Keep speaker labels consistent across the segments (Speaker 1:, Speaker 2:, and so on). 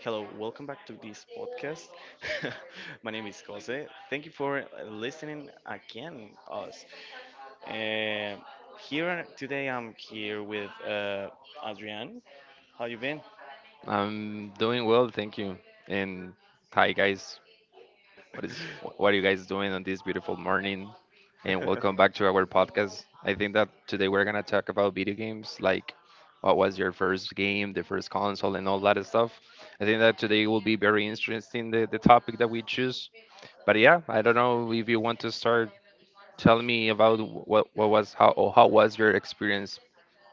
Speaker 1: Hello, welcome back to this podcast. My name is Jose. Thank you for listening again, us. Um Here today, I'm here with Adrian. How you been?
Speaker 2: I'm doing well, thank you. And hi, guys. What are you guys doing on this beautiful morning? And welcome back to our podcast. I think that today we're gonna talk about video games, like what was your first game, the first console, and all that stuff. I think that today will be very interesting the topic that we choose. But yeah, I don't know if you want to start telling me about wh- what was how or how was your experience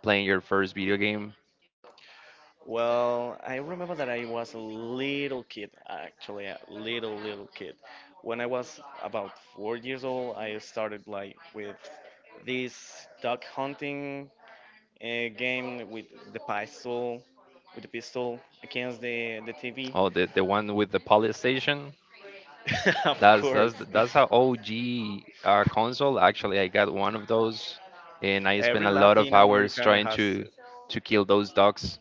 Speaker 2: playing your first video game,
Speaker 1: Well, I remember that I was a little kid, actually, a little kid. When I was about 4 years old, I started like with this duck hunting a game the pistol, with the pistol against the TV.
Speaker 2: or the one with the police station.
Speaker 1: Of
Speaker 2: That's that's
Speaker 1: course,
Speaker 2: that's how OG console. Actually, I got one of those, and I spent
Speaker 1: every
Speaker 2: a lot of
Speaker 1: Latin
Speaker 2: hours
Speaker 1: American
Speaker 2: trying
Speaker 1: has
Speaker 2: to
Speaker 1: it.
Speaker 2: to kill those dogs.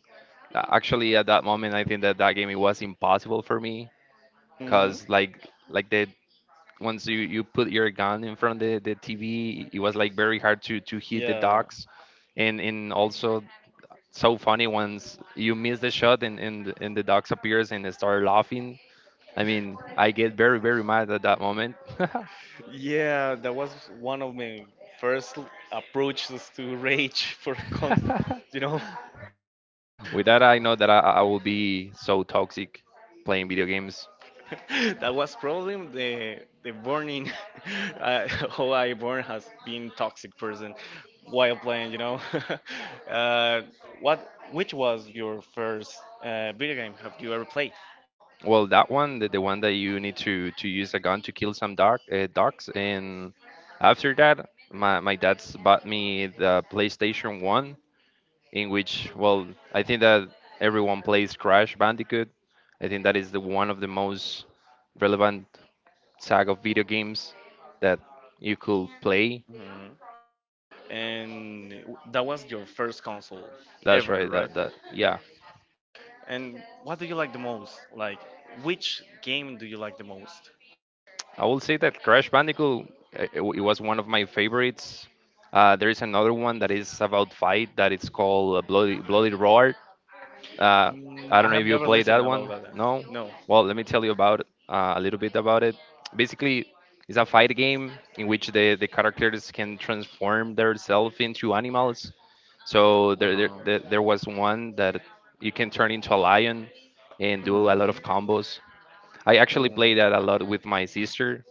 Speaker 2: Actually, at that moment, I think that that game it was impossible for me,
Speaker 1: hmm
Speaker 2: cause like the once you put your gun in front of the TV, it was like very hard to hit the
Speaker 1: Yeah,
Speaker 2: dogs, and also so funny once you miss the shot and the dogs appears and they start laughing. I mean, I get very mad at that moment.
Speaker 1: yeah, that was one of my first approaches to rage for con- you know
Speaker 2: With that, I know that I will be so toxic playing video games.
Speaker 1: that was probably the burning how I born has been toxic person while playing. Uh, what which was your first video game have you ever played?
Speaker 2: Well, that one, the one that you need to use a gun to kill some dog, dogs. And after that, my dad's bought me the PlayStation 1, in which, well, I think that everyone plays Crash Bandicoot. I think that is the one of the most relevant saga of video games that you could play.
Speaker 1: Mhm. And that was your first console
Speaker 2: That's
Speaker 1: ever,
Speaker 2: right.
Speaker 1: right?
Speaker 2: That, yeah.
Speaker 1: And what do you like the most? Like which game do you like the most?
Speaker 2: I will say that Crash Bandicoot it was one of my favorites. There is another one that is about fight that it's called Bloody Bloody Roar. Uh,
Speaker 1: Mm,
Speaker 2: I
Speaker 1: I
Speaker 2: don't know
Speaker 1: have
Speaker 2: if you
Speaker 1: never
Speaker 2: played that
Speaker 1: listened about
Speaker 2: one.
Speaker 1: that.
Speaker 2: No.
Speaker 1: No.
Speaker 2: Well, let me tell you about it, a little bit about it. Basically, it's a fight game in which the characters can transform themselves into animals. So
Speaker 1: Uh
Speaker 2: there, there there
Speaker 1: huh.
Speaker 2: there was one that you can turn into a lion and do a lot of
Speaker 1: hmm
Speaker 2: combos. I actually played
Speaker 1: hmm
Speaker 2: that a lot with my sister.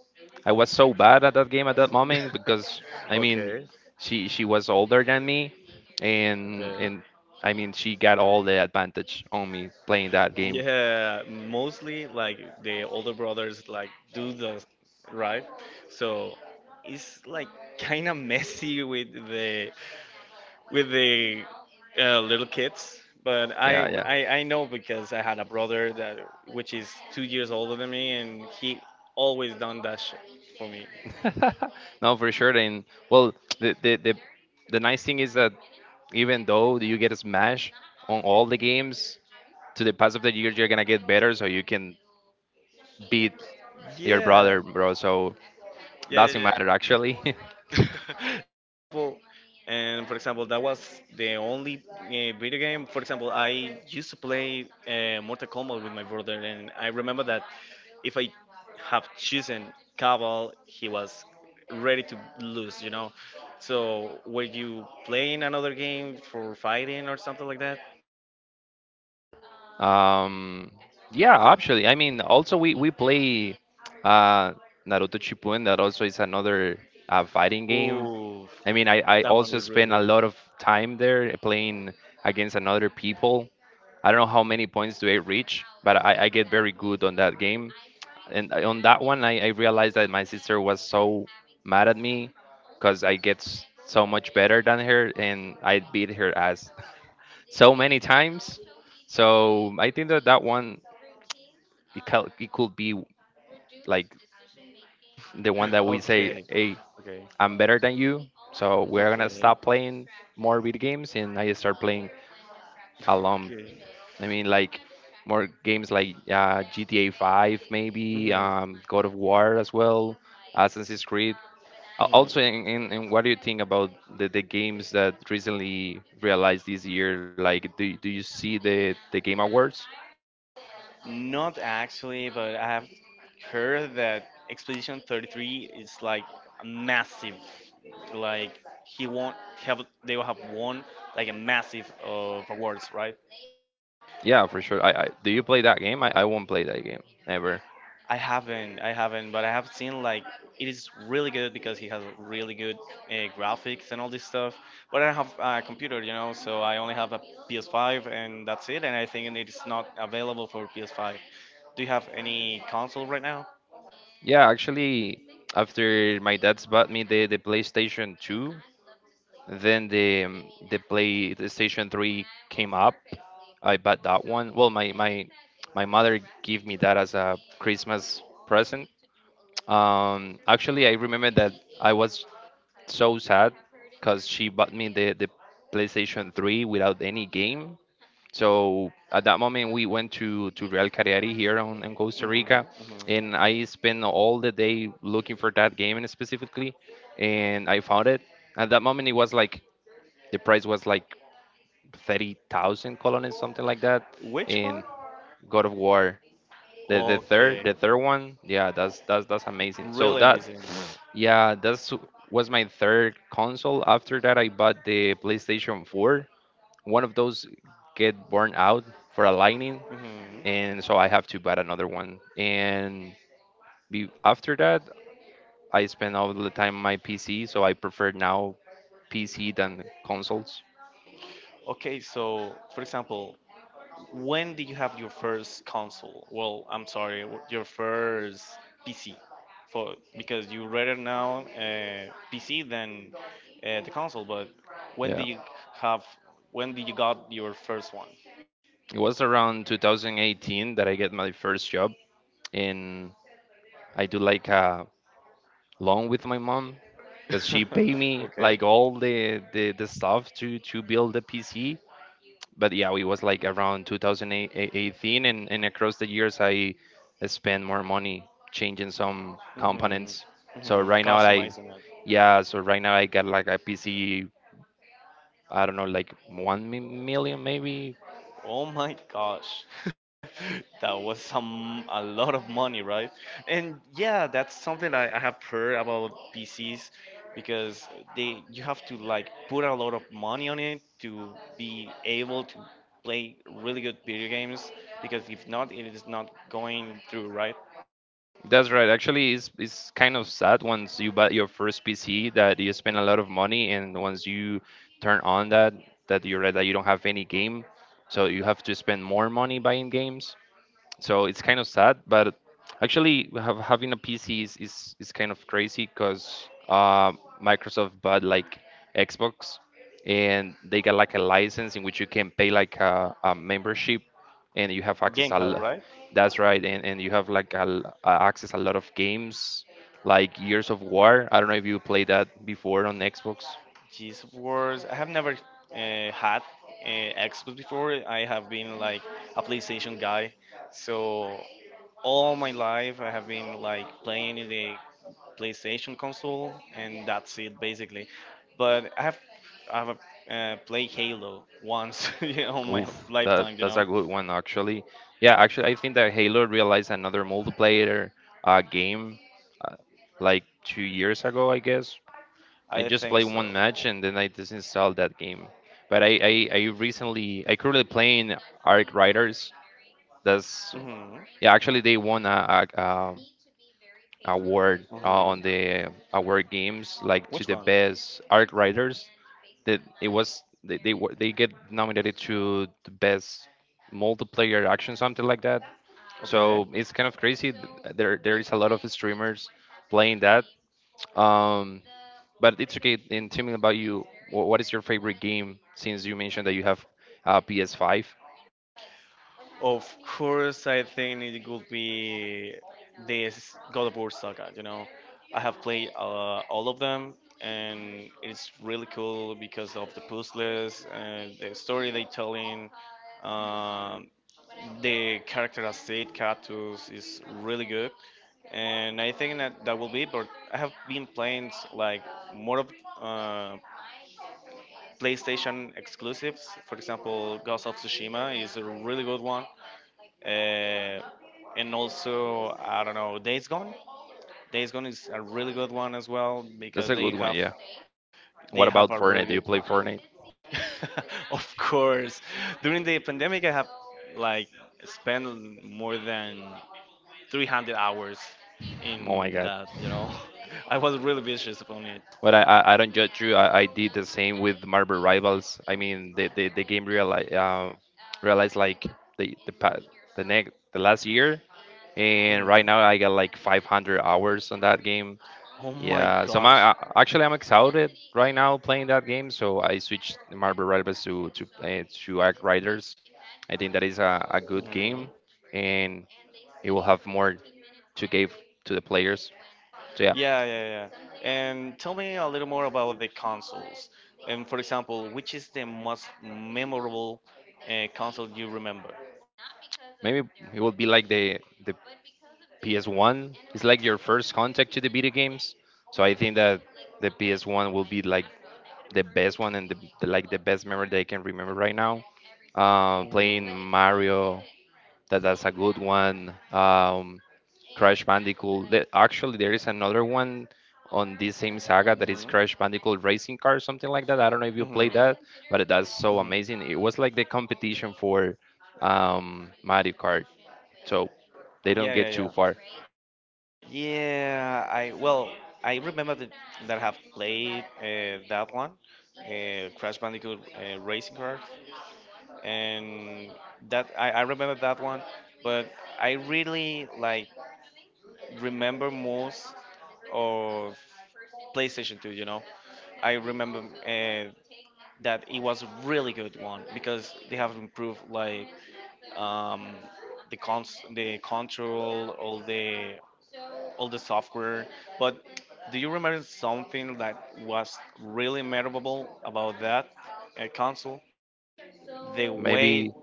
Speaker 2: I was so bad at that game at that moment because I mean,
Speaker 1: Okay.
Speaker 2: she was older than me, and
Speaker 1: Okay.
Speaker 2: and I mean she got all the advantage on me playing that game.
Speaker 1: Yeah, mostly like the older brothers like do the right. So it's like kind of messy with the little kids. But I,
Speaker 2: Yeah,
Speaker 1: I I know because I had a brother that which is 2 years older than me, and he always done that shit for me.
Speaker 2: yeah. No, for sure. And well, the the the the nice thing is that even though you get a smash on all the games, to the pass of the years you're gonna get better, so you can beat your
Speaker 1: Yeah,
Speaker 2: brother, bro. So
Speaker 1: yeah, yeah,
Speaker 2: doesn't
Speaker 1: yeah.
Speaker 2: matter actually.
Speaker 1: Well, and for example, that was the only video game. For example, I used to play Mortal Kombat with my brother, and I remember that if I have chosen Cabal, he was ready to lose, you know. So, were you playing another game for fighting or something like that?
Speaker 2: Um, yeah, actually, I mean, also we play uh, Naruto Shippuden. That also is another fighting game.
Speaker 1: Ooh,
Speaker 2: I mean, I
Speaker 1: that one
Speaker 2: also
Speaker 1: is really
Speaker 2: spend a
Speaker 1: good.
Speaker 2: lot of time there playing against another people. I don't know how many points do I reach, but I get very good on that game. And on that one, I realized that my sister was so mad at me because I get so much better than her, and I beat her ass so many times. So I think that that one it it could be like the one that we say,
Speaker 1: okay,
Speaker 2: hey,
Speaker 1: okay,
Speaker 2: I'm better than you, so we're gonna
Speaker 1: okay.
Speaker 2: stop playing more video games and I start playing alone.
Speaker 1: okay.
Speaker 2: I mean, like more games like GTA 5 maybe,
Speaker 1: hmm
Speaker 2: God of War as well, Assassin's Creed. Also in, in what do you think about the games that recently realized this year? Like do you see the game awards?
Speaker 1: Not actually, but I have heard that Expedition 33 is like massive. Like he won't have they will have won like a massive of awards, right?
Speaker 2: Yeah, for sure. I, do you play that game? I won't play that game ever.
Speaker 1: I haven't, but I have seen like it is really good because he has really good graphics and all this stuff. But I don't have a computer, you know, so I only have a PS5 and that's it. And I think it's not available for PS5. Do you have any console right now?
Speaker 2: Yeah, actually, after my dad's bought me the PlayStation 2, then the PlayStation 3 came up. I bought that one. Well, my mother gave me that as a Christmas present. Actually, I remember that I was so sad because she bought me the PlayStation 3 without any game, so at that moment, we went to Real Cariari here in Costa Rica,
Speaker 1: hmm
Speaker 2: and I spent all the day looking for that game and specifically, and I found it. At that moment, it was like the price was like 30,000 colones, something like that,
Speaker 1: Which
Speaker 2: in
Speaker 1: one?
Speaker 2: God of War. The, the third
Speaker 1: Okay,
Speaker 2: the third one. Yeah, that's amazing. So
Speaker 1: really
Speaker 2: that
Speaker 1: amazing.
Speaker 2: yeah that's was my third console. After that I bought the PlayStation 4. One of those get burned out for aligning,
Speaker 1: hmm
Speaker 2: and so I have to buy another one. And be, after that, I spend all the time on my PC, so I prefer now PC than consoles.
Speaker 1: Okay, so for example, when did you have your first console? Well, I'm sorry, your first PC, for because you rather now PC than the console. But when did
Speaker 2: Yeah,
Speaker 1: you have? When did you got your first one?
Speaker 2: it was around 2018 that I get my first job, and I do like a loan with my mom because she paid me
Speaker 1: Okay.
Speaker 2: like all the stuff to build the PC, but yeah, it was like around 2018, and across the years, I spent more money changing some
Speaker 1: hmm
Speaker 2: components. So right now, I
Speaker 1: Customizing it.
Speaker 2: yeah, so right now I got like a PC. I don't know, like one million maybe.
Speaker 1: Oh my gosh. That was some a lot of money, right? And yeah, that's something I have heard about PCs because they you have to like put a lot of money on it to be able to play really good video games because if not it is not going through right
Speaker 2: That's right. Actually, it's kind of sad once you buy your first PC that you spend a lot of money, and once you turn on that, that you realize that you don't have any game, so you have to spend more money buying games. So it's kind of sad, but actually having a PC is kind of crazy because Microsoft bought like Xbox and they got like a license in which you can pay like a membership and you have access
Speaker 1: gamepad right
Speaker 2: that's right, and you have like access a lot of games like Years of War. I don't know if you played that before on Xbox.
Speaker 1: cheese wars. I have never had uh, Xbox before. I have been like a PlayStation guy, so all my life I have been like playing in the PlayStation console, and that's it basically. But I have played Halo once you know, on my
Speaker 2: Oof, that
Speaker 1: lifetime. You
Speaker 2: that's a
Speaker 1: know,
Speaker 2: good one actually. Yeah, actually, I think that Halo realized another multiplayer game uh, like 2 years ago, I guess. I
Speaker 1: I
Speaker 2: just
Speaker 1: think
Speaker 2: played one
Speaker 1: so.
Speaker 2: match and then I disinstalled that game. But I recently I currently playing Arc Riders. That's
Speaker 1: hmm
Speaker 2: yeah, actually they won a award
Speaker 1: hmm
Speaker 2: on the award games, like to
Speaker 1: Which
Speaker 2: the
Speaker 1: one?
Speaker 2: best art writers. That it was they they get nominated to the best multiplayer action, something like that.
Speaker 1: Okay.
Speaker 2: So it's kind of crazy. There there is a lot of streamers playing that. Um, but it's okay. And tell me about you. What is your favorite game? Since you mentioned that you have PS5,
Speaker 1: Of course, I think it would be this God of War saga. You know, I have played all of them, and it's really cool because of the puzzles and the story they telling. Um, the character as Said Katus is really good, and I think that that will be. But I have been playing like more of uh, PlayStation exclusives. For example, Ghost of Tsushima is a really good one. Uh, and also, I don't know, Days Gone. Days Gone is a really good one as well
Speaker 2: that's
Speaker 1: because
Speaker 2: a good one. Yeah. What
Speaker 1: they have
Speaker 2: about
Speaker 1: a really
Speaker 2: Fortnite? Do you
Speaker 1: good.
Speaker 2: play Fortnite?
Speaker 1: Of course, during the pandemic, I have like spent more than 300 hours
Speaker 2: Oh my
Speaker 1: in
Speaker 2: God.
Speaker 1: that. You know, I was really vicious upon it.
Speaker 2: But I don't judge you. I did the same with Marvel Rivals. I mean, the game realized, realized like the pa- the next the last year, and right
Speaker 1: Mhm.
Speaker 2: now I got like 500 hours on that game.
Speaker 1: Oh my
Speaker 2: Yeah, so
Speaker 1: gosh.
Speaker 2: my actually I'm excited right now playing that game. So I switched Marvel Rivals to to Act Riders. I think that is a good game, and it will have more to give to the players. So yeah,
Speaker 1: Yeah, yeah, yeah. And tell me a little more about the consoles. And for example, which is the most memorable console you remember?
Speaker 2: maybe it will be like the PS1 is like your first contact to the video games. So I think that the PS1 will be like the best one and like the best memory that I can remember right now. Playing
Speaker 1: hmm
Speaker 2: Mario, that that's a good one. Crash Bandicoot. The, actually, there is another one on this same saga that is
Speaker 1: hmm
Speaker 2: Crash Bandicoot Racing Car, something like that. I don't know if you played that,
Speaker 1: hmm
Speaker 2: but that's so amazing.
Speaker 1: hmm
Speaker 2: It was like the competition for Mario Kart. So they don't
Speaker 1: Yeah, yeah,
Speaker 2: get too
Speaker 1: yeah.
Speaker 2: far.
Speaker 1: Yeah, I well, I remember that, that I have played that one, Crash Bandicoot Racing Cars, and that I remember that one, but I really like remember most of PlayStation 2, you know. I remember uh, that it was a really good one because they have improved like um, the control, all the software. But do you remember something that was really memorable about that console? The way
Speaker 2: Maybe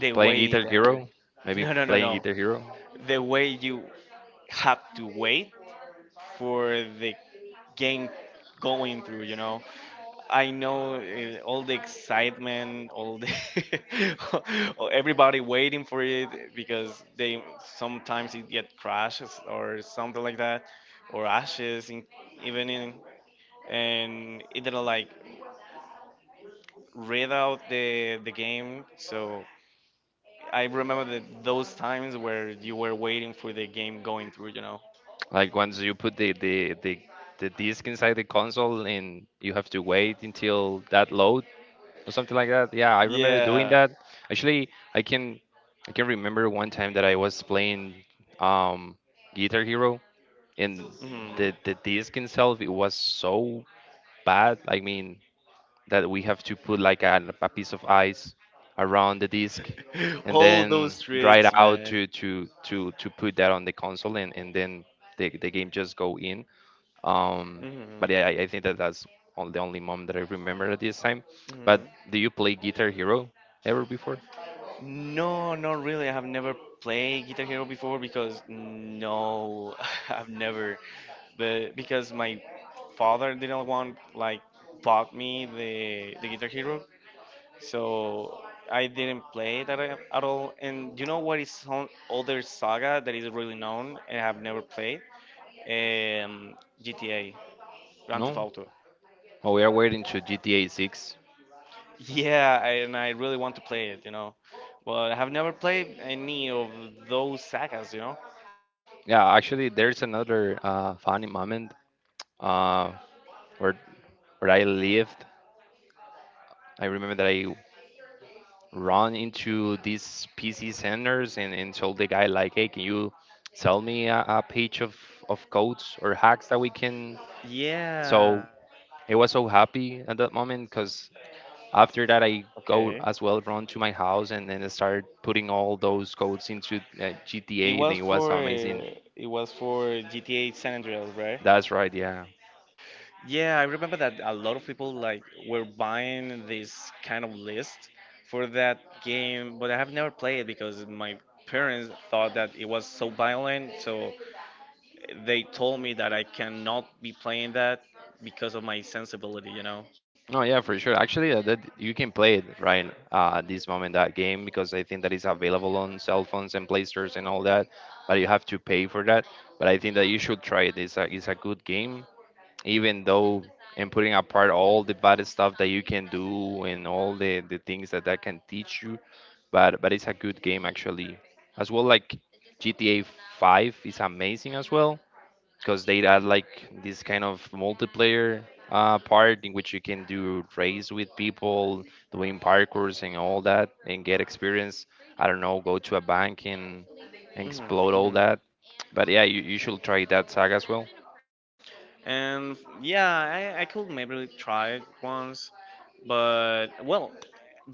Speaker 1: the
Speaker 2: playing
Speaker 1: way
Speaker 2: Guitar
Speaker 1: it entered.
Speaker 2: Hero, maybe
Speaker 1: No, no, no,
Speaker 2: playing
Speaker 1: no.
Speaker 2: Guitar Hero.
Speaker 1: The way you have to wait for the game going through, you know. I know all the excitement, all the everybody waiting for it because they sometimes it get crashes or something like that, or ashes in, even in, and it didn't like read out the game. So I remember that those times where you were waiting for the game going through. You know?
Speaker 2: Like once you put the disc inside the console and you have to wait until that load or something like that. Yeah, I remember doing
Speaker 1: Yeah.
Speaker 2: that. Actually, I can I can remember one time that I was playing um Guitar Hero and the
Speaker 1: Mhm.
Speaker 2: the disc itself it was so bad. I mean, that we have to put like a piece of ice around the disc and
Speaker 1: All
Speaker 2: then
Speaker 1: those
Speaker 2: dry it
Speaker 1: tricks,
Speaker 2: out
Speaker 1: man.
Speaker 2: to put that on the console and then the game just go in um
Speaker 1: hmm
Speaker 2: but yeah, I think that that's on the only mom that I remember at this time. But
Speaker 1: hmm
Speaker 2: do you play Guitar Hero ever before?
Speaker 1: No, not really. I have never played Guitar Hero before because no, I've never. But because my father didn't want like bought me the Guitar Hero, so I didn't play that at all. And you know what is some other saga that is really known and I've never played? Um, GTA, Grand
Speaker 2: No.
Speaker 1: Theft Auto.
Speaker 2: Well, we are waiting to GTA 6.
Speaker 1: Yeah, I- and I really want to play it, you know, but I have never played any of those sagas, you know.
Speaker 2: Yeah, actually there's another funny moment uh where where I lived, I remember that I run into these PC centers and told the guy like, hey, can you sell me a page of codes or hacks that we can?
Speaker 1: Yeah.
Speaker 2: So I was so happy at that moment because after that I go
Speaker 1: Okay.
Speaker 2: as well run to my house, and then I started putting all those codes into
Speaker 1: It
Speaker 2: GTA. And
Speaker 1: was
Speaker 2: it was
Speaker 1: for
Speaker 2: amazing.
Speaker 1: uh, it was for GTA San Andreas, right?
Speaker 2: That's right, yeah.
Speaker 1: Yeah, I remember that a lot of people like were buying this kind of list for that game, but I have never played it because my parents thought that it was so violent, so they told me that I cannot be playing that because of my sensibility, you know.
Speaker 2: Oh yeah, for sure. Actually, that you can play it right at this moment, that game, because I think that is available on cell phones and PlayStores and all that, but you have to pay for that. But I think that you should try it. It's a good game, even though, and putting apart all the bad stuff that you can do and all the things that can teach you, but it's a good game actually. As well, like GTA 5 is amazing as well, because they add like this kind of multiplayer part in which you can do race with people, doing parkours and all that, and get experience. I don't know, go to a bank and explode all
Speaker 1: hmm
Speaker 2: that. But yeah, you should try that saga as well.
Speaker 1: And yeah, I could maybe try it once, but well,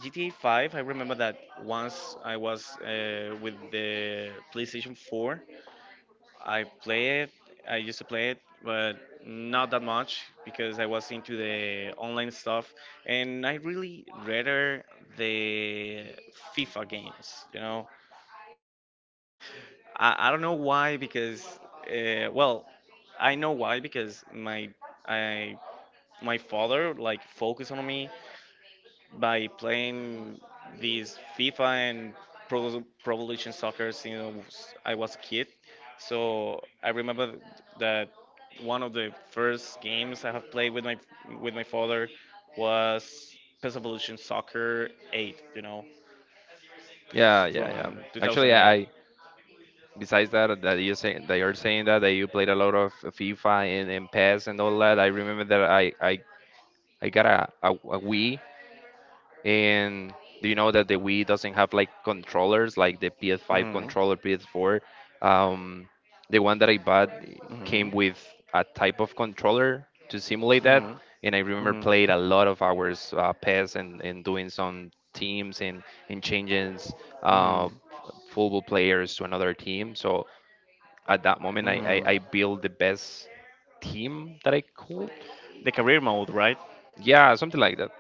Speaker 1: GTA 5, I remember that once I was with the PlayStation 4, I play it, I used to play it, but not that much because I was into the online stuff and I really rather the FIFA games, you know. I don't know why because, well, I know why because I my father like focused on me by playing these FIFA and Pro Evolution Soccer since I was a kid. So I remember that one of the first games I have played with my father was PES Evolution Soccer 8. You know,
Speaker 2: Yeah, yeah, yeah.
Speaker 1: from
Speaker 2: Actually,
Speaker 1: 2008.
Speaker 2: I, besides that you say, that you're saying that you played a lot of FIFA and PES and all that. I remember that I got a Wii. And do you know that the Wii doesn't have like controllers, like the PS5
Speaker 1: Mhm,
Speaker 2: controller, PS4? Um, the one that I bought came
Speaker 1: mhm,
Speaker 2: with a type of controller to simulate that,
Speaker 1: mhm,
Speaker 2: and I remember
Speaker 1: mhm,
Speaker 2: played a lot of hours, PES, and doing some teams and changing uh,
Speaker 1: mhm,
Speaker 2: football players to another team. So at that moment,
Speaker 1: mhm.
Speaker 2: I built the best team that I could.
Speaker 1: The career mode, right?
Speaker 2: Yeah, something like that.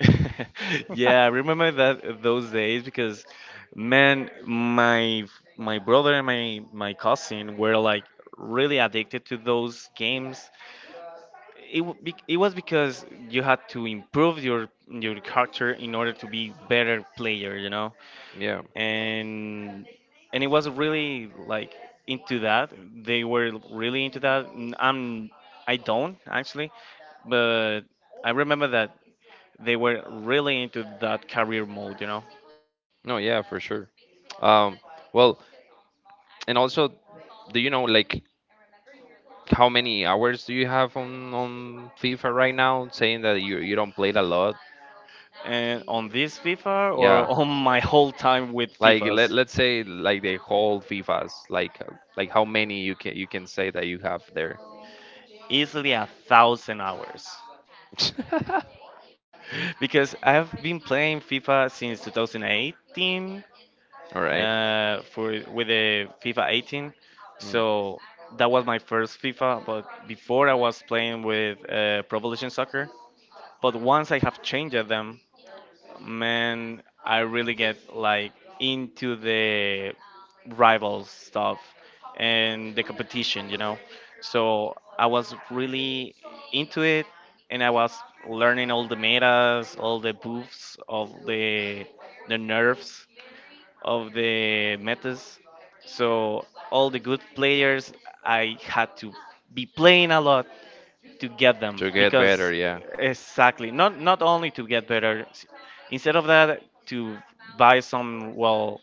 Speaker 1: Yeah, I remember that those days because, man, my brother and my cousin were like really addicted to those games. It was because you had to improve your character in order to be better player, you know,
Speaker 2: Yeah.
Speaker 1: and and it was really like into that. They were really into that. I'm I don't actually, but I remember that they were really into that career mode, you know.
Speaker 2: No, yeah, for sure. Um, well, and also, do you know like how many hours do you have on FIFA right now? Saying that you don't play it a lot.
Speaker 1: And on this FIFA or
Speaker 2: Yeah.
Speaker 1: on my whole time with
Speaker 2: Like,
Speaker 1: FIFAs,
Speaker 2: let's say like the whole FIFAs. Like, like how many you can say that you have there.
Speaker 1: easily a thousand hours. Because I've been playing FIFA since 2018
Speaker 2: All right.
Speaker 1: for with the FIFA 18,
Speaker 2: Mm.
Speaker 1: so that was my first FIFA. But before I was playing with Pro Evolution Soccer. But once I have changed them, man, I really get like into the rival stuff and the competition, you know. So I was really into it and I was learning all the metas, all the buffs, all the nerfs of the metas. So all the good players I had to be playing a lot to get them
Speaker 2: To get
Speaker 1: because
Speaker 2: better, yeah.
Speaker 1: exactly not only to get better instead of that to buy some well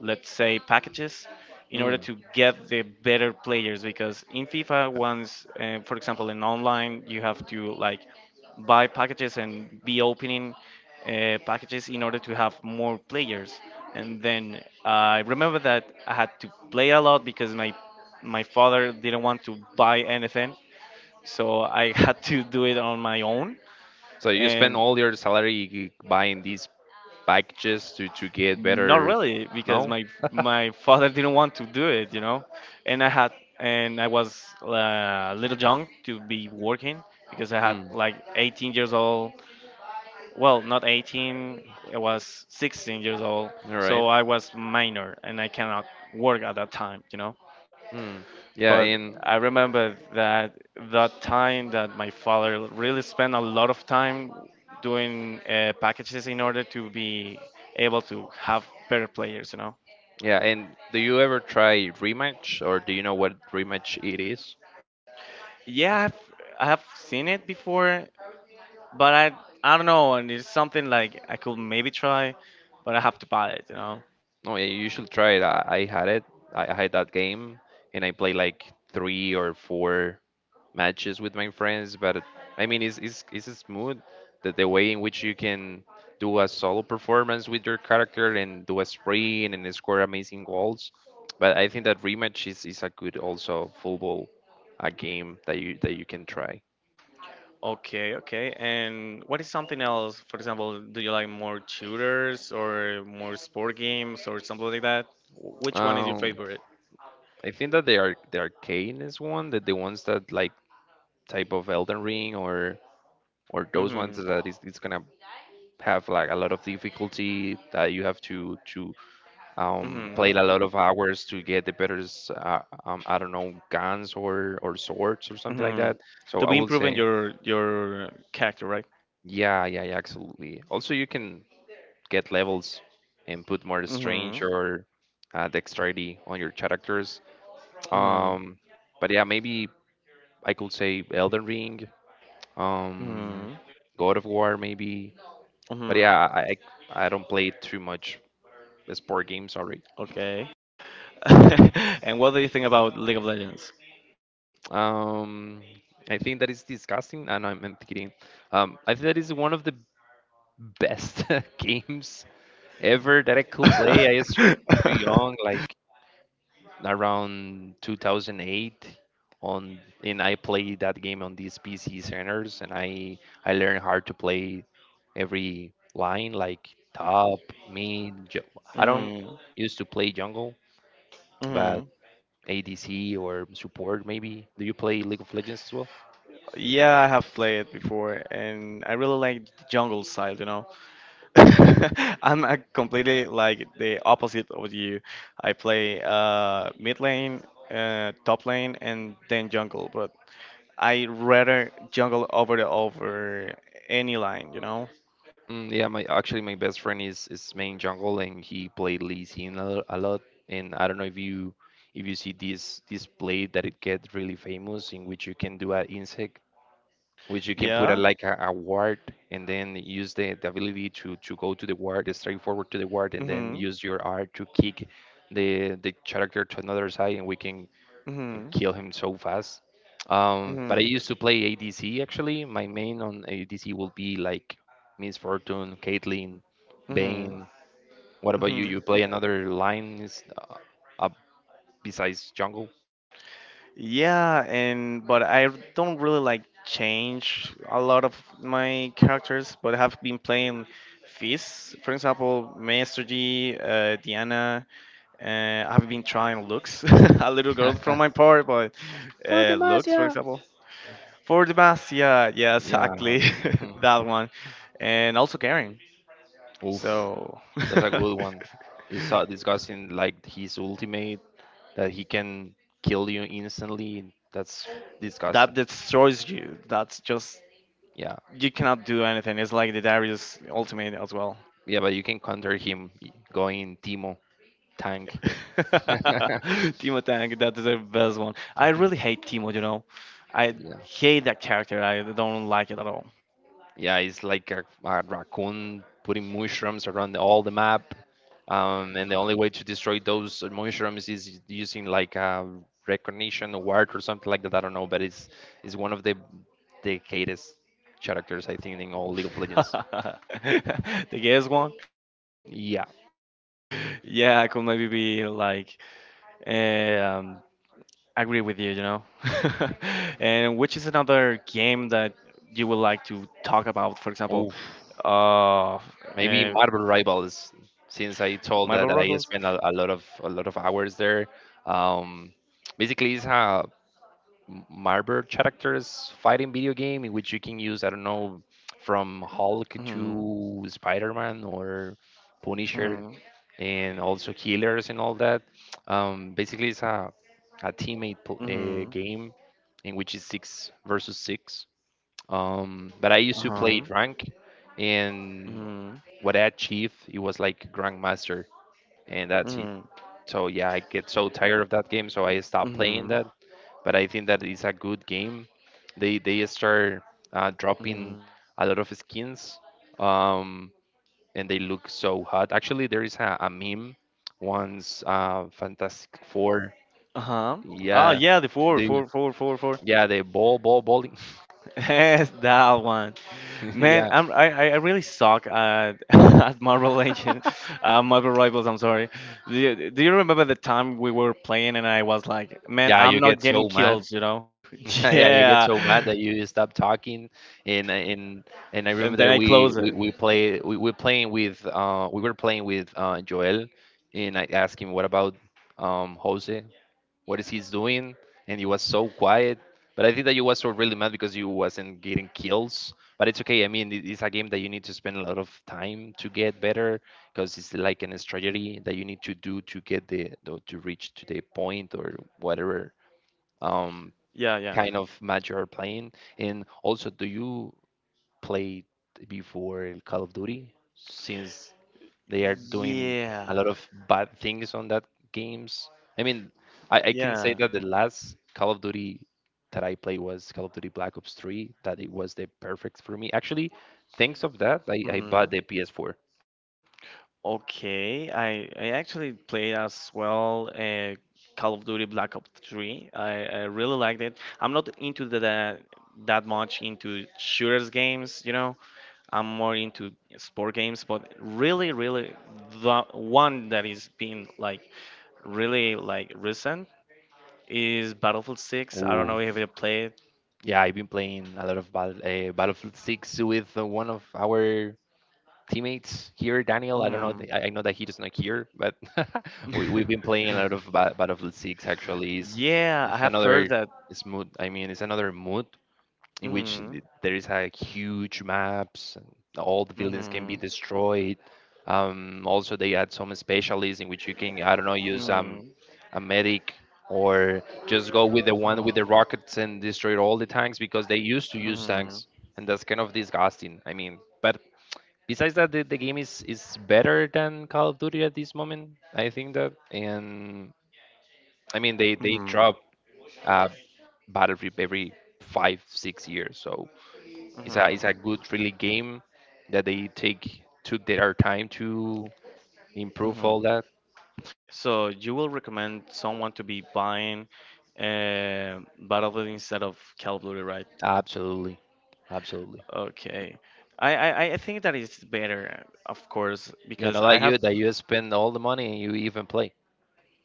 Speaker 1: let's say packages in order
Speaker 2: Mm.
Speaker 1: to get the better players because in FIFA once for example in online you have to like buy packages and be opening packages in order to have more players and then I remember that I had to play a lot because my father didn't want to buy anything so I had to do it on my own,
Speaker 2: So you spend
Speaker 1: and
Speaker 2: all your salary buying these packages to get
Speaker 1: not
Speaker 2: better.
Speaker 1: really because
Speaker 2: No.
Speaker 1: my father didn't want to do it, you know, and I had and I was a little young to be working because I had
Speaker 2: Mm.
Speaker 1: like 18 years old. Well, not 18, I was 16 years old,
Speaker 2: All right.
Speaker 1: so I was minor and I cannot work at that time, you know.
Speaker 2: Mm. Yeah.
Speaker 1: But
Speaker 2: And
Speaker 1: I remember that that time that my father really spent a lot of time doing packages in order to be able to have better players, you know.
Speaker 2: Yeah, and do you ever try rematch, or do you know what rematch it is?
Speaker 1: Yeah, I have seen it before, but I don't know, and it's something like I could maybe try, but I have to buy it, you know.
Speaker 2: No, yeah, you should try it. I had it. I had that game, and I played like three or four matches with my friends. But I mean, it's smooth, that the way in which you can do a solo performance with your character and do a sprint and score amazing goals. But I think that is a good also football, a game that you can try.
Speaker 1: Okay, okay. And what is something else? For example, do you like more shooters or more sport games or something like that? Which one is your
Speaker 2: Um,
Speaker 1: favorite?
Speaker 2: I think that they are the arcane, is one that the ones that like type of Elden Ring, or those ones
Speaker 1: Mhm.
Speaker 2: that is it's gonna have like a lot of difficulty, that you have to,
Speaker 1: Hmm.
Speaker 2: play a lot of hours to get the better s- I don't know, guns or swords or something like
Speaker 1: Hmm.
Speaker 2: that. So
Speaker 1: To
Speaker 2: I
Speaker 1: be
Speaker 2: will
Speaker 1: improving
Speaker 2: say,
Speaker 1: your character, right?
Speaker 2: yeah, yeah, yeah, absolutely. Also you can get levels and put more
Speaker 1: Hmm.
Speaker 2: strange or dexterity on your characters.
Speaker 1: Hmm.
Speaker 2: Um, but yeah, maybe I could say Elden Ring, um,
Speaker 1: Hmm.
Speaker 2: God of War maybe. But
Speaker 1: Hmm.
Speaker 2: yeah, I don't play too much sport games. Sorry.
Speaker 1: Okay. And what do you think about League of Legends?
Speaker 2: Um, I think that is disgusting. And I'm kidding. I think that is one of the best games ever that I could play. I started too young, like around 2008 on, and I played that game on these PC centers, and I learned how to play every line, like top, mid, I don't
Speaker 1: Hmm.
Speaker 2: used to play jungle, but
Speaker 1: Hmm.
Speaker 2: ADC or support maybe. Do you play League of Legends as well?
Speaker 1: Yeah, I have played it before, and I really like the jungle side. I'm completely like the opposite of you. I play mid lane, top lane, and then jungle. But I rather jungle over the over any line, you know?
Speaker 2: Mm, yeah, my actually my best friend is main jungle, and he played Lee Sin a lot. And I don't know if you see this play that it gets really famous, in which you can do an insect, which you can put a,
Speaker 1: Yeah.
Speaker 2: like a ward, and then use the ability to go to the ward, straight forward to the ward, and then
Speaker 1: Mhm.
Speaker 2: use your R to kick the character to another side, and we can
Speaker 1: Mhm.
Speaker 2: kill him so fast. But
Speaker 1: Mhm.
Speaker 2: I used to play adc. Actually, my main on adc will be like Miss Fortune, Caitlyn,
Speaker 1: Mhm.
Speaker 2: Bane. What about
Speaker 1: Mhm.
Speaker 2: you play another line, up, besides jungle?
Speaker 1: Yeah, and but I don't really like change a lot of my characters, but I have been playing Fizz, for example, Master G, Diana. I've been trying Lux, a little girl from my part, but Lux, for example. For the bass, yeah, yeah,
Speaker 2: Yeah.
Speaker 1: exactly, that one, and also Garen.
Speaker 2: Oof.
Speaker 1: So
Speaker 2: That's a good one. It's discussing, like his ultimate that he can kill you instantly. That's disgusting.
Speaker 1: that destroys you. That's just
Speaker 2: Yeah,
Speaker 1: you cannot do anything. It's like the Darius Ultimate as well.
Speaker 2: yeah, but you can counter him going Timo tank. Yeah,
Speaker 1: Timo Tank, that is the best one. I really hate Timo, you know. I hate that character. I don't like it at all.
Speaker 2: yeah, it's like a raccoon putting mushrooms around all the map, and the only way to destroy those mushrooms is using like a recognition ward or something like that. I don't know, but it's one of the greatest characters, I think, in all League of Legends.
Speaker 1: The guest one.
Speaker 2: Yeah.
Speaker 1: Yeah, I could maybe be like eh, um, agree with you, you know. And which is another game that you would like to talk about, for example,
Speaker 2: Oof.
Speaker 1: uh,
Speaker 2: Maybe
Speaker 1: uh
Speaker 2: Marvel Rivals, since I told that,
Speaker 1: Marble
Speaker 2: I
Speaker 1: Ruggles?
Speaker 2: spent a lot of hours there. Um, Basically, it's a Marvel characters fighting video game, in which you can use, I don't know, from Hulk
Speaker 1: Mm-hmm.
Speaker 2: to Spider-Man or Punisher,
Speaker 1: Mm-hmm.
Speaker 2: and also healers and all that. Basically, it's a teammate
Speaker 1: Mm-hmm.
Speaker 2: game in which it's six versus six. But I used to
Speaker 1: Uh-huh.
Speaker 2: play rank, and
Speaker 1: Mm-hmm.
Speaker 2: what I achieved, it was like grandmaster, and that's it. So yeah, I get so tired of that game, so I stopped playing
Speaker 1: Mm-hmm.
Speaker 2: that. But I think that it's a good game. They start
Speaker 1: Mm-hmm.
Speaker 2: dropping a lot of skins, um, and they look so hot. Actually, there is a meme, once, Fantastic Four.
Speaker 1: Uh-huh. Ah,
Speaker 2: Yeah,
Speaker 1: yeah, the four,
Speaker 2: the,
Speaker 1: four, four, four, four.
Speaker 2: yeah, the ball bowling.
Speaker 1: Yes, that one. Man,
Speaker 2: Yeah.
Speaker 1: I'm, I really suck at at Marvel Legends, Marvel Rivals. I'm sorry. Do you remember the time we were playing and I was like, man,
Speaker 2: Yeah,
Speaker 1: I'm
Speaker 2: you
Speaker 1: not
Speaker 2: get
Speaker 1: getting
Speaker 2: so mad.
Speaker 1: kills, you know?
Speaker 2: Yeah, you get
Speaker 1: Yeah.
Speaker 2: so mad that you stop talking. And I- and and I remember
Speaker 1: And then
Speaker 2: that
Speaker 1: I close it.
Speaker 2: we play we were playing with we were playing with Joel, and I asked him what about, Jose, what is he's doing? And he was so quiet. But I think that you was so really mad because you wasn't getting kills. But it's okay. I mean, it's a game that you need to spend a lot of time to get better, because it's like an strategy that you need to do, to get the to reach to the point or whatever. Um,
Speaker 1: Yeah, yeah.
Speaker 2: Kind of match you're playing? And also, do you play before Call of Duty, since they are doing
Speaker 1: Yeah.
Speaker 2: a lot of bad things on that games? I mean, I can say
Speaker 1: Yeah.
Speaker 2: that the last Call of Duty that I played was Call of Duty Black Ops 3, that it was the perfect for me. Actually, thanks of that, I bought
Speaker 1: Mm-hmm.
Speaker 2: the PS4.
Speaker 1: Okay, I actually played as well Call of Duty Black Ops 3. I really liked it. I'm not into the, that that much into shooters games, you know. I'm more into sport games, but really, really, the one that is being like really like recent is Battlefield 6. I don't
Speaker 2: Ooh.
Speaker 1: know if you played.
Speaker 2: Yeah, I've been playing a lot of Battlefield 6 with one of our teammates here, Daniel. I don't know.
Speaker 1: Mm.
Speaker 2: I know that he is not here, but we've been playing a lot of Battlefield Six. Actually, is
Speaker 1: Yeah, I
Speaker 2: it's
Speaker 1: have heard
Speaker 2: another
Speaker 1: that.
Speaker 2: it's mood. I mean, it's another mood in which
Speaker 1: Mm,
Speaker 2: there is a huge maps. And all the buildings can be
Speaker 1: mm,
Speaker 2: destroyed. Also, they add some specialists in which you can, I don't know, use
Speaker 1: Hmm.
Speaker 2: a medic, or just go with the one with
Speaker 1: mm,
Speaker 2: the rockets and destroy all the tanks, because they used to use
Speaker 1: Hmm.
Speaker 2: tanks, and that's kind of disgusting. I mean, but besides that, the game is better than Call of Duty at this moment, I think. That, and I mean, they
Speaker 1: Mhm,
Speaker 2: drop, uh, Battlefield every 5-6 years, so it's a
Speaker 1: mhm,
Speaker 2: good really game, that they take took their time to improve
Speaker 1: mhm.
Speaker 2: all that.
Speaker 1: So you will recommend someone to be buying uh, Battlefield instead of Call of Duty, right?
Speaker 2: Absolutely, absolutely.
Speaker 1: Okay. I think that is better, of course,
Speaker 2: Yeah, not
Speaker 1: because I
Speaker 2: like
Speaker 1: have.
Speaker 2: you, that you spend all the money and you even play.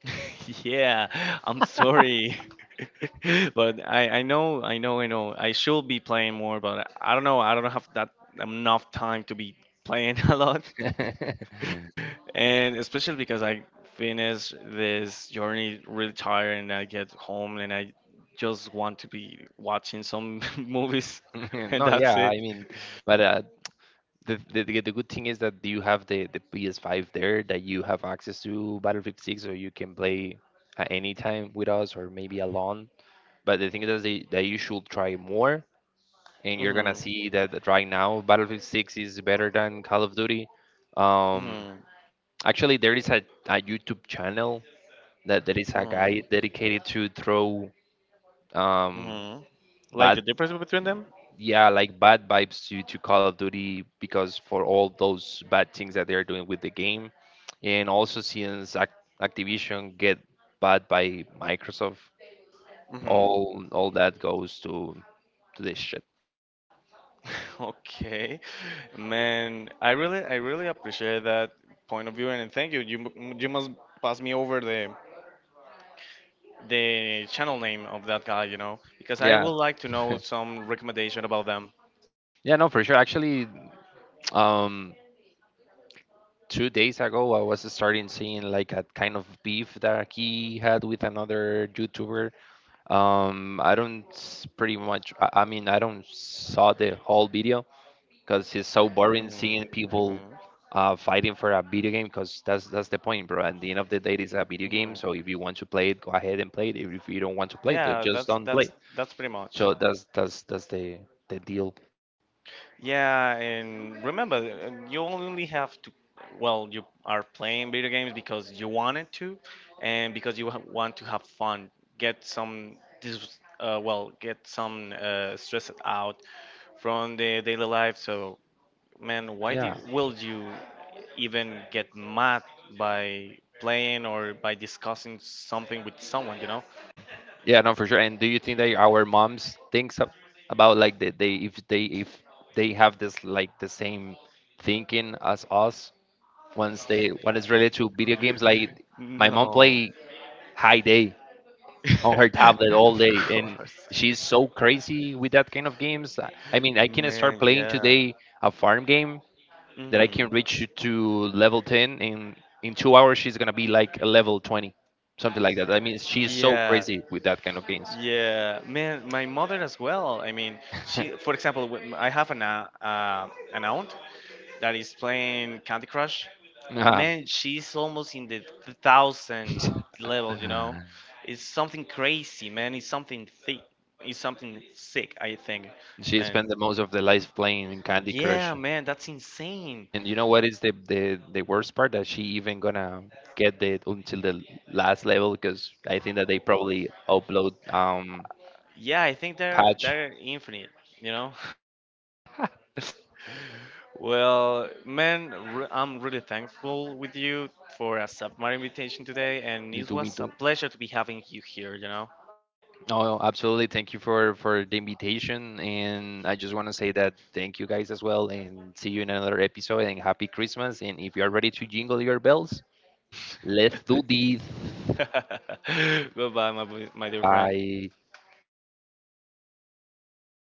Speaker 1: Yeah, I'm sorry. But I know. I should be playing more, but I don't know. I don't have that enough time to be playing a lot. And especially because I finished this journey really tired, and I get home and I just want to be watching some movies, and
Speaker 2: No, yeah,
Speaker 1: that's
Speaker 2: I
Speaker 1: it.
Speaker 2: mean, but the good thing is that you have the PS5 there, that you have access to Battlefield 6, so you can play at any time with us, or maybe alone. But the thing is that, you should try more, and you're gonna
Speaker 1: Hmm.
Speaker 2: see that right now, Battlefield 6 is better than Call of Duty. Um,
Speaker 1: Hmm.
Speaker 2: Actually, there is a YouTube channel, that there is a
Speaker 1: Hmm.
Speaker 2: guy dedicated to throw, um
Speaker 1: Hmm. Like the
Speaker 2: bad
Speaker 1: difference between them?
Speaker 2: yeah, like bad vibes to Call of Duty, because for all those bad things that they are doing with the game, and also, since Activision get bought by Microsoft,
Speaker 1: Hmm.
Speaker 2: all that goes to this shit.
Speaker 1: Okay, man, I really appreciate that point of view, and thank you. You, you must pass me over the channel name of that guy, you know, because I
Speaker 2: Yeah,
Speaker 1: would like to know some recommendation about them.
Speaker 2: yeah, no, for sure. Actually, um, 2 days ago, I was starting seeing like a kind of beef that he had with another YouTuber. I don't pretty much. I mean, I don't saw the whole video, because it's so boring seeing
Speaker 1: Mhm.
Speaker 2: people
Speaker 1: Mhm.
Speaker 2: fighting for a video game. Because that's the point, bro. At the end of the day, it's a video game.
Speaker 1: Mhm.
Speaker 2: So if you want to play it, go ahead and play it. If you don't want to play it, then
Speaker 1: Yeah,
Speaker 2: just
Speaker 1: that's
Speaker 2: don't play
Speaker 1: that's
Speaker 2: it.
Speaker 1: that's pretty much.
Speaker 2: So that's the deal.
Speaker 1: Yeah, and remember, you only have to. Well, you are playing video games because you wanted to, and because you want to have fun. Get some get some stress out from the daily life. So, man, why do
Speaker 2: Yeah,
Speaker 1: will you even get mad by playing or by discussing something with someone? You know?
Speaker 2: yeah, no, for sure. And do you think that our moms thinks about, like, that they if they if they have this, like, the same thinking as us, once they when it's related to video games? Like, my mom
Speaker 1: No.
Speaker 2: play High Day on her tablet all
Speaker 1: Of
Speaker 2: day, and
Speaker 1: course.
Speaker 2: she's so crazy with that kind of games. I mean, I can start
Speaker 1: Man,
Speaker 2: playing
Speaker 1: yeah.
Speaker 2: today a farm game that I can
Speaker 1: Mm,
Speaker 2: reach to level 10, and in 2 hours she's gonna be like a level 20, something like that. I mean, she's so
Speaker 1: yeah,
Speaker 2: crazy with that kind of games.
Speaker 1: yeah. Man, my mother as well. I mean, she, for example, when I have an aunt that is playing Candy Crush.
Speaker 2: Nah.
Speaker 1: Man, she's almost in the thousand level, you know? It's something crazy, man. It's something thick. It's something sick, I think,
Speaker 2: She
Speaker 1: man.
Speaker 2: spent the most of the life playing Candy Crush.
Speaker 1: Yeah, man, that's insane.
Speaker 2: And you know what is the worst part, that she even gonna get the until the last level, because I think that they probably upload,
Speaker 1: Yeah, I think they're
Speaker 2: patch.
Speaker 1: they're infinite, you know? Well, man, I'm really thankful with you for accepting my invitation today, and
Speaker 2: Me
Speaker 1: it
Speaker 2: too, me
Speaker 1: was a
Speaker 2: too.
Speaker 1: pleasure to be having you here. You know.
Speaker 2: No, absolutely. Thank you for the invitation, and I just want to say that, thank you guys as well, and see you in another episode. And happy Christmas! And if you are ready to jingle your bells, let's do this.
Speaker 1: Goodbye, my my dear friend.
Speaker 2: Bye.